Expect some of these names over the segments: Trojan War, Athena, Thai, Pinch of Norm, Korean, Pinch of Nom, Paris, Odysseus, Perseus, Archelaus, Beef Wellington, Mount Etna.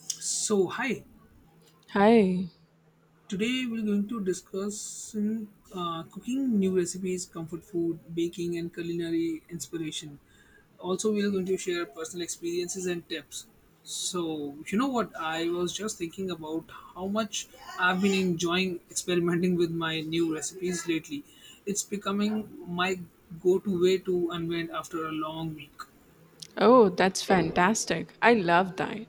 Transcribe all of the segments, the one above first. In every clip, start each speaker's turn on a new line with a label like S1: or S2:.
S1: So, hi.
S2: Hi.
S1: Today we're going to discuss cooking, new recipes, comfort food, baking, and culinary inspiration. Also, we're going to share personal experiences and tips. So, you know what? I was just thinking about how much I've been enjoying experimenting with my new recipes lately. It's becoming my go to way to unwind after a long week.
S2: Oh, that's fantastic. I love that.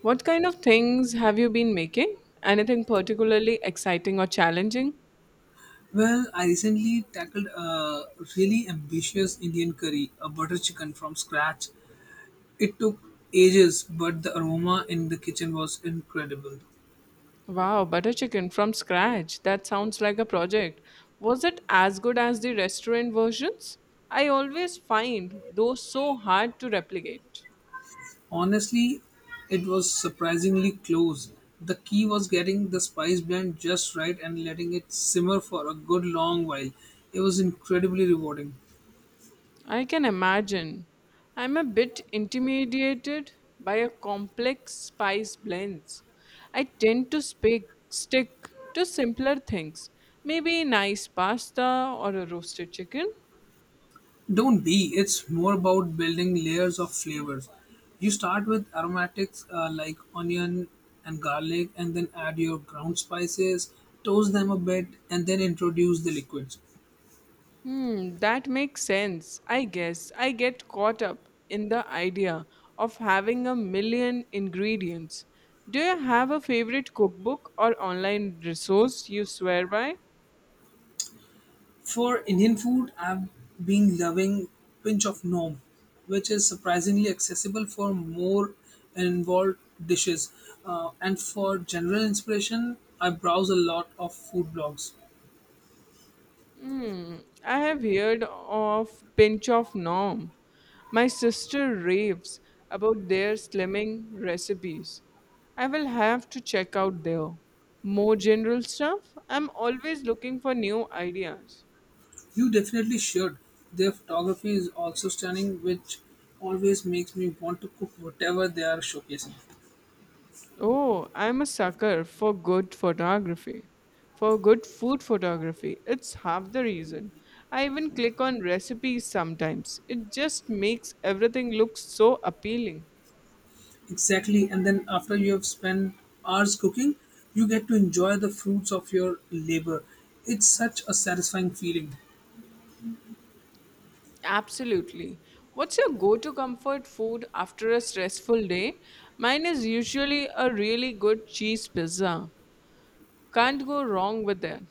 S2: What kind of things have you been making? Anything particularly exciting or challenging?
S1: Well, I recently tackled a really ambitious Indian curry, a butter chicken from scratch. It took ages, but the aroma in the kitchen was incredible.
S2: Wow, butter chicken from scratch. That sounds like a project. Was it as good as the restaurant versions? I always find those so hard to replicate.
S1: Honestly, it was surprisingly close. The key was getting the spice blend just right and letting it simmer for a good long while. It was incredibly rewarding.
S2: I can imagine. I'm a bit intimidated by a complex spice blends. I tend to speak, stick to simpler things, maybe nice pasta or a roasted chicken.
S1: Don't be, it's more about building layers of flavors. You start with aromatics like onion and garlic, and then add your ground spices, toast them a bit, and then introduce the liquids.
S2: Hmm, that makes sense. I guess I get caught up in the idea of having a million ingredients. Do you have a favorite cookbook or online resource you swear by?
S1: For Indian food, I've been loving Pinch of Nom, which is surprisingly accessible for more involved dishes. And for general inspiration, I browse a lot of food blogs.
S2: Hmm, I have heard of Pinch of Norm. My sister raves about their slimming recipes. I will have to check out there. More general stuff? I'm always looking for new ideas.
S1: You definitely should. Their photography is also stunning, which always makes me want to cook whatever they are showcasing.
S2: Oh, I'm a sucker for good photography. For good food photography. It's half the reason. I even click on recipes sometimes. It just makes everything look so appealing.
S1: Exactly, and then after you have spent hours cooking, you get to enjoy the fruits of your labor. It's such a satisfying feeling.
S2: Absolutely. What's your go to comfort food after a stressful day? Mine is usually a really good cheese pizza. Can't go wrong with that.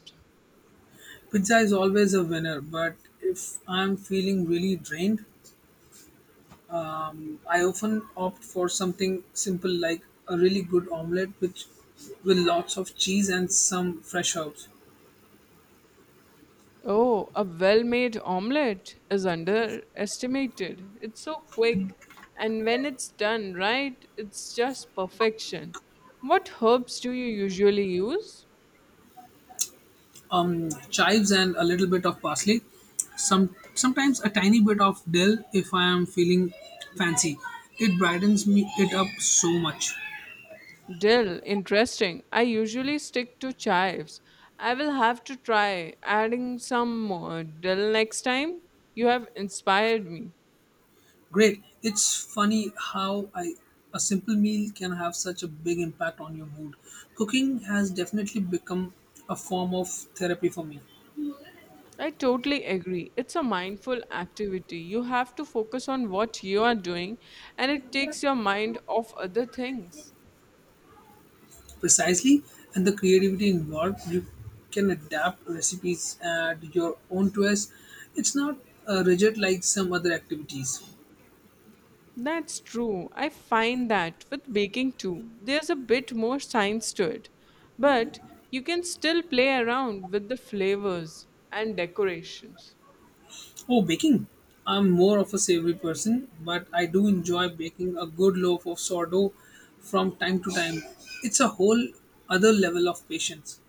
S1: Pizza is always a winner, but if I'm feeling really drained, I often opt for something simple like a really good omelette which with lots of cheese and some fresh herbs,
S2: Oh, a well made omelette is underestimated. It's so quick. And when it's done right, it's just perfection. What herbs do you usually use?
S1: chives and a little bit of parsley. Sometimes a tiny bit of dill if I am feeling fancy. It brightens me it up so much.
S2: Dill, interesting. I usually stick to chives. I will have to try adding some more dill next time. You have inspired me.
S1: Great. It's funny how I a simple meal can have such a big impact on your mood. Cooking has definitely become a form of therapy for me.
S2: I totally agree. It's a mindful activity. You have to focus on what you are doing and it takes your mind off other things.
S1: Precisely, and the creativity involved, you can adapt recipes and your own twist. It's not rigid like some other activities.
S2: That's true. I find that with baking too, there's a bit more science to it. But you can still play around with the flavors and decorations.
S1: Oh, baking. I'm more of a savory person, but I do enjoy baking a good loaf of sourdough from time to time. It's a whole other level of patience.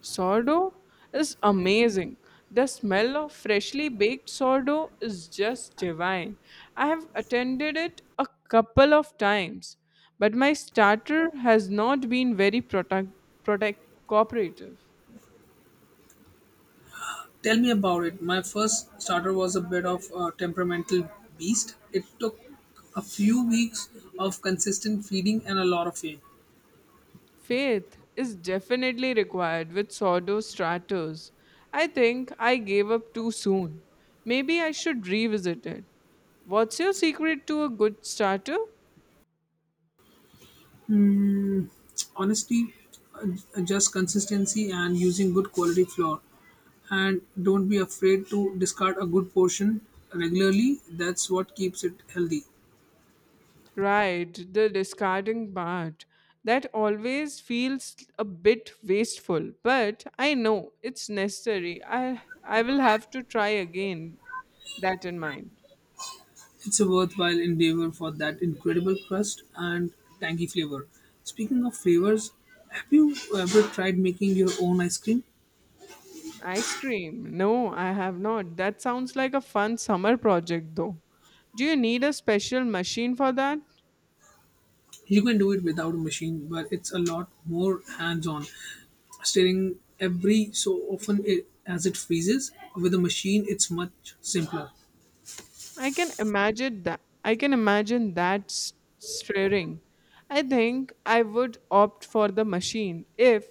S2: Sourdough is amazing. The smell of freshly baked sourdough is just divine. I have attended it a couple of times, but my starter has not been very product cooperative.
S1: Tell me about it. My first starter was a bit of a temperamental beast. It took a few weeks of consistent feeding and a lot of aid.
S2: Faith is definitely required with sourdough starters. I think I gave up too soon. Maybe I should revisit it. What's your secret to a good starter?
S1: Hmm, honestly, just consistency and using good quality flour. And don't be afraid to discard a good portion regularly. That's what keeps it healthy.
S2: Right, the discarding part. That always feels a bit wasteful, but I know it's necessary. I will have to try again. That in mind.
S1: It's a worthwhile endeavor for that incredible crust and tangy flavor. Speaking of flavors, have you ever tried making your own ice cream?
S2: Ice cream. No, I have not. That sounds like a fun summer project though. Do you need a special machine for that?
S1: You can do it without a machine, but it's a lot more hands on. Stirring every so often it, as it freezes. With a machine, it's much simpler.
S2: I can imagine that. Stirring. I think I would opt for the machine if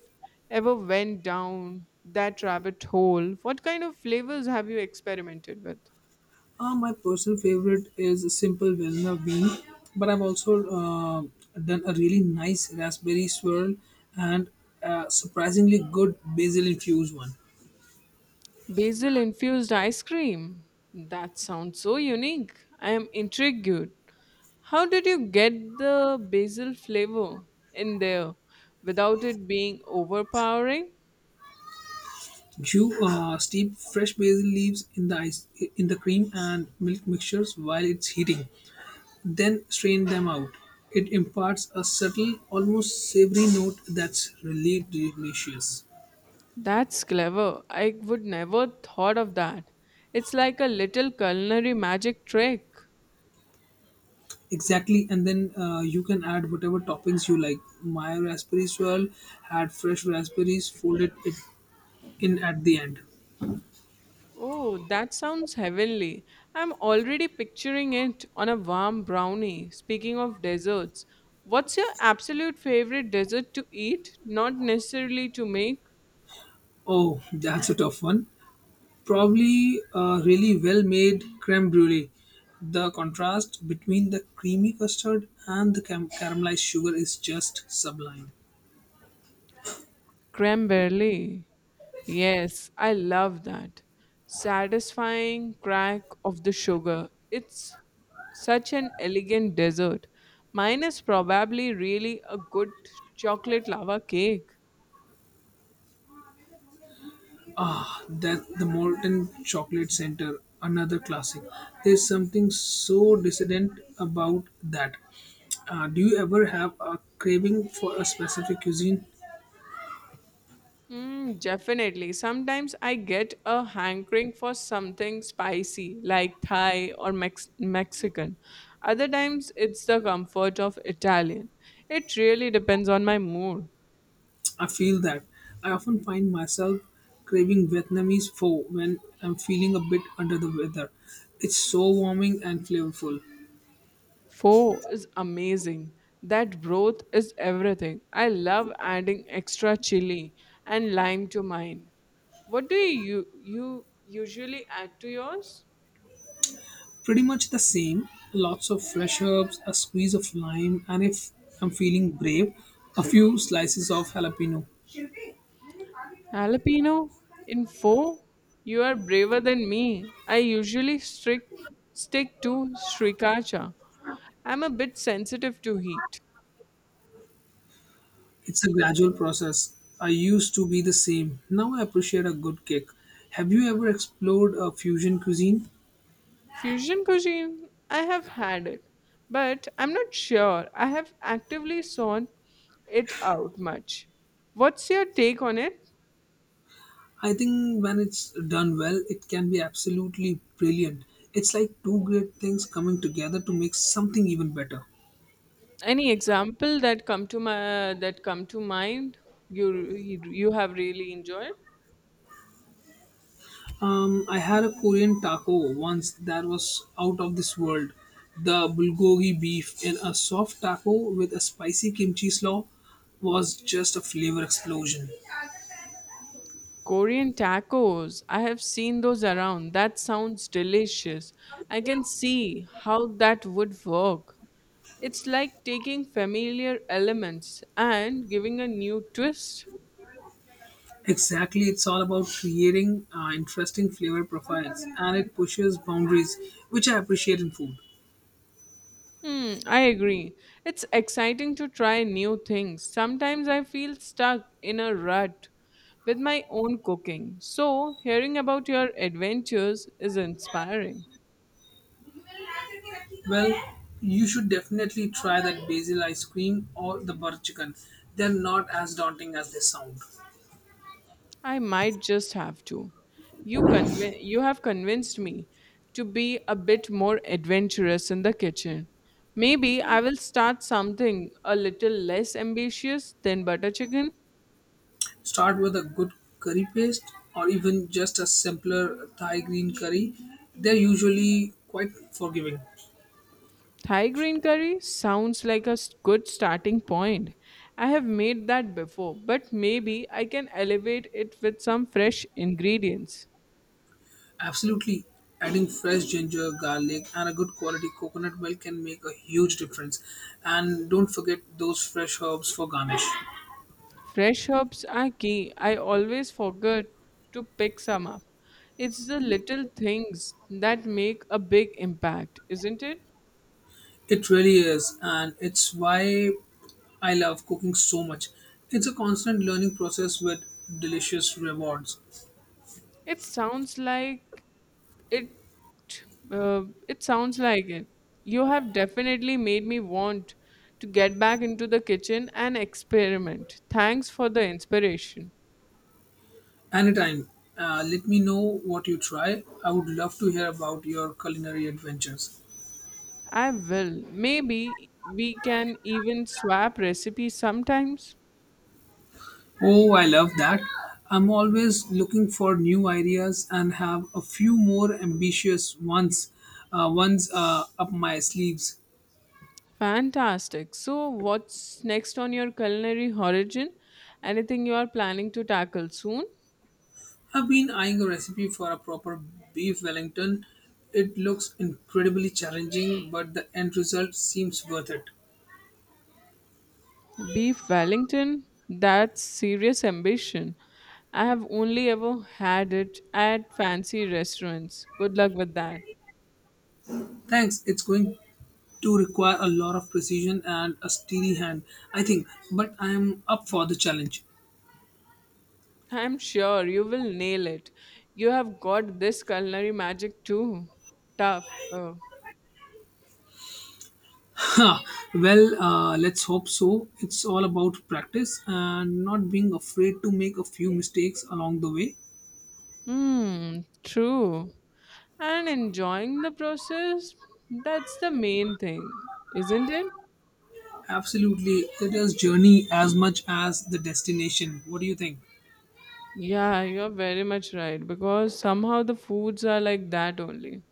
S2: ever went down that rabbit hole. What kind of flavors have you experimented with?
S1: My personal favorite is a simple vanilla bean, but I've also done a really nice raspberry swirl and a surprisingly good basil infused one.
S2: Basil infused ice cream. That sounds so unique. I am intrigued. How did you get the basil flavor in there without it being overpowering?
S1: You steep fresh basil leaves in the cream and milk mixtures while it's heating. Then strain them out. It imparts a subtle, almost savory note that's really delicious.
S2: That's clever. I would never thought of that. It's like a little culinary magic trick.
S1: Exactly, and then you can add whatever toppings you like. My raspberry swirl had fresh raspberries, folded it in at the end.
S2: Oh, that sounds heavenly. I'm already picturing it on a warm brownie. Speaking of desserts, what's your absolute favorite dessert to eat? Not necessarily to make.
S1: Oh, that's a tough one. Probably a really well made creme brulee. The contrast between the creamy custard and the caramelized sugar is just sublime.
S2: Creme yes, I love that. Satisfying crack of the sugar. It's such an elegant dessert. Mine is probably really a good chocolate lava cake.
S1: Ah, that the Molten Chocolate Center, another classic. There's something so dissident about that. Do you ever have a craving for a specific cuisine?
S2: Mm, definitely. Sometimes I get a hankering for something spicy like Thai or Mexican. Other times it's the comfort of Italian. It really depends on my mood.
S1: I feel that. I often find myself craving Vietnamese pho when I'm feeling a bit under the weather. It's so warming and flavorful.
S2: Four is amazing. That broth is everything. I love adding extra chili and lime to mine. What do you usually add to yours?
S1: Pretty much the same. Lots of fresh herbs, a squeeze of lime, and if I'm feeling brave, a few slices of jalapeno.
S2: Jalapeno in four? You are braver than me. I usually stick to sriracha. I'm a bit sensitive to heat.
S1: It's a gradual process. I used to be the same. Now I appreciate a good cake. Have you ever explored a fusion cuisine?
S2: Fusion cuisine, I have had it, but I'm not sure I have actively sought it out much. What's your take on it?
S1: I think when it's done well, it can be absolutely brilliant. It's like two great things coming together to make something even better.
S2: Any example that come to my that come to mind you have really enjoyed?
S1: I had a Korean taco once that was out of this world. The bulgogi beef in a soft taco with a spicy kimchi slaw was just a flavor explosion.
S2: Korean tacos. I have seen those around. That sounds delicious. I can see how that would work. It's like taking familiar elements and giving a new twist.
S1: Exactly, it's all about creating interesting flavor profiles and it pushes boundaries, which I appreciate in food.
S2: Hmm, I agree. It's exciting to try new things. Sometimes I feel stuck in a rut with my own cooking. So, hearing about your adventures is inspiring.
S1: Well, you should definitely try that basil ice cream or the butter chicken. They're not as daunting as they sound.
S2: I might just have to. You have convinced me to be a bit more adventurous in the kitchen. Maybe I will start something a little less ambitious than butter chicken.
S1: Start with a good curry paste or even just a simpler Thai green curry. They're usually quite forgiving.
S2: Thai green curry sounds like a good starting point. I have made that before, but maybe I can elevate it with some fresh ingredients.
S1: Absolutely. Adding fresh ginger, garlic, and a good quality coconut milk can make a huge difference. And don't forget those fresh herbs for garnish.
S2: Fresh herbs are key. I always forget to pick some up. It's the little things that make a big impact, isn't it?
S1: It really is, and it's why I love cooking so much. It's a constant learning process with delicious rewards.
S2: It sounds like It uh, it sounds like it. You have definitely made me want to get back into the kitchen and experiment. Thanks for the inspiration.
S1: Anytime, let me know what you try. I would love to hear about your culinary adventures.
S2: I will. Maybe we can even swap recipes sometimes.
S1: Oh, I love that. I'm always looking for new ideas and have a few more ambitious ones, up my sleeves.
S2: Fantastic. So, what's next on your culinary horizon? Anything you are planning to tackle soon?
S1: I've been eyeing a recipe for a proper beef Wellington. It looks incredibly challenging, but the end result seems worth it.
S2: Beef Wellington? That's serious ambition. I have only ever had it at fancy restaurants. Good luck with that.
S1: Thanks. It's going to require a lot of precision and a steady hand, I think, but I am up for the challenge.
S2: I'm sure you will nail it. You have got this culinary magic too. Tough. Oh.
S1: Huh. Well, let's hope so. It's all about practice and not being afraid to make a few mistakes along the way.
S2: Hmm, true. And enjoying the process, that's the main thing, isn't it?
S1: Absolutely, it is journey as much as the destination. What do you think?
S2: Yeah, you're very much right because somehow the foods are like that only.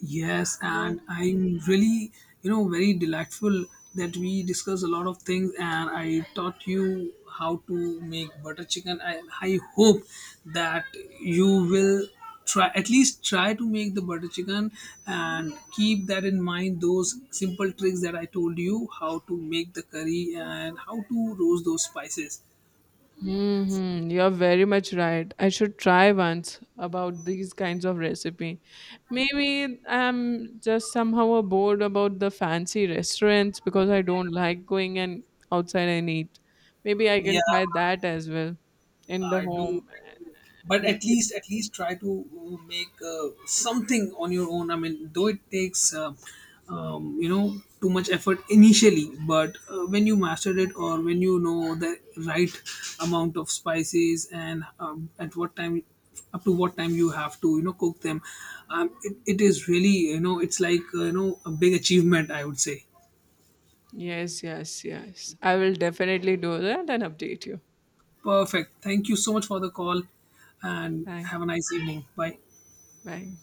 S1: Yes, and I'm really, you know, very delightful that we discuss a lot of things, and I taught you how to make butter chicken. I hope that you will try at least try to make the butter chicken and keep that in mind, those simple tricks that I told you, how to make the curry and how to roast those spices.
S2: Mm-hmm. You're very much right. I should try once about these kinds of recipe. Maybe I'm just somehow bored about the fancy restaurants because I don't like going and outside and eat. Maybe I
S1: Yeah,
S2: can try that as well in the
S1: I do,
S2: home.
S1: I do, but at least try to make something on your own. I mean, though it takes you know, too much effort initially, but when you master it or when you know the right amount of spices and at what time, you have to, you know, cook them, it is really, you know, it's like you know, a big achievement, I would say.
S2: Yes, yes, yes. I will definitely do that and update you.
S1: Perfect. Thank you so much for the call, and have
S2: Thanks.
S1: a nice evening. Bye.
S2: Bye.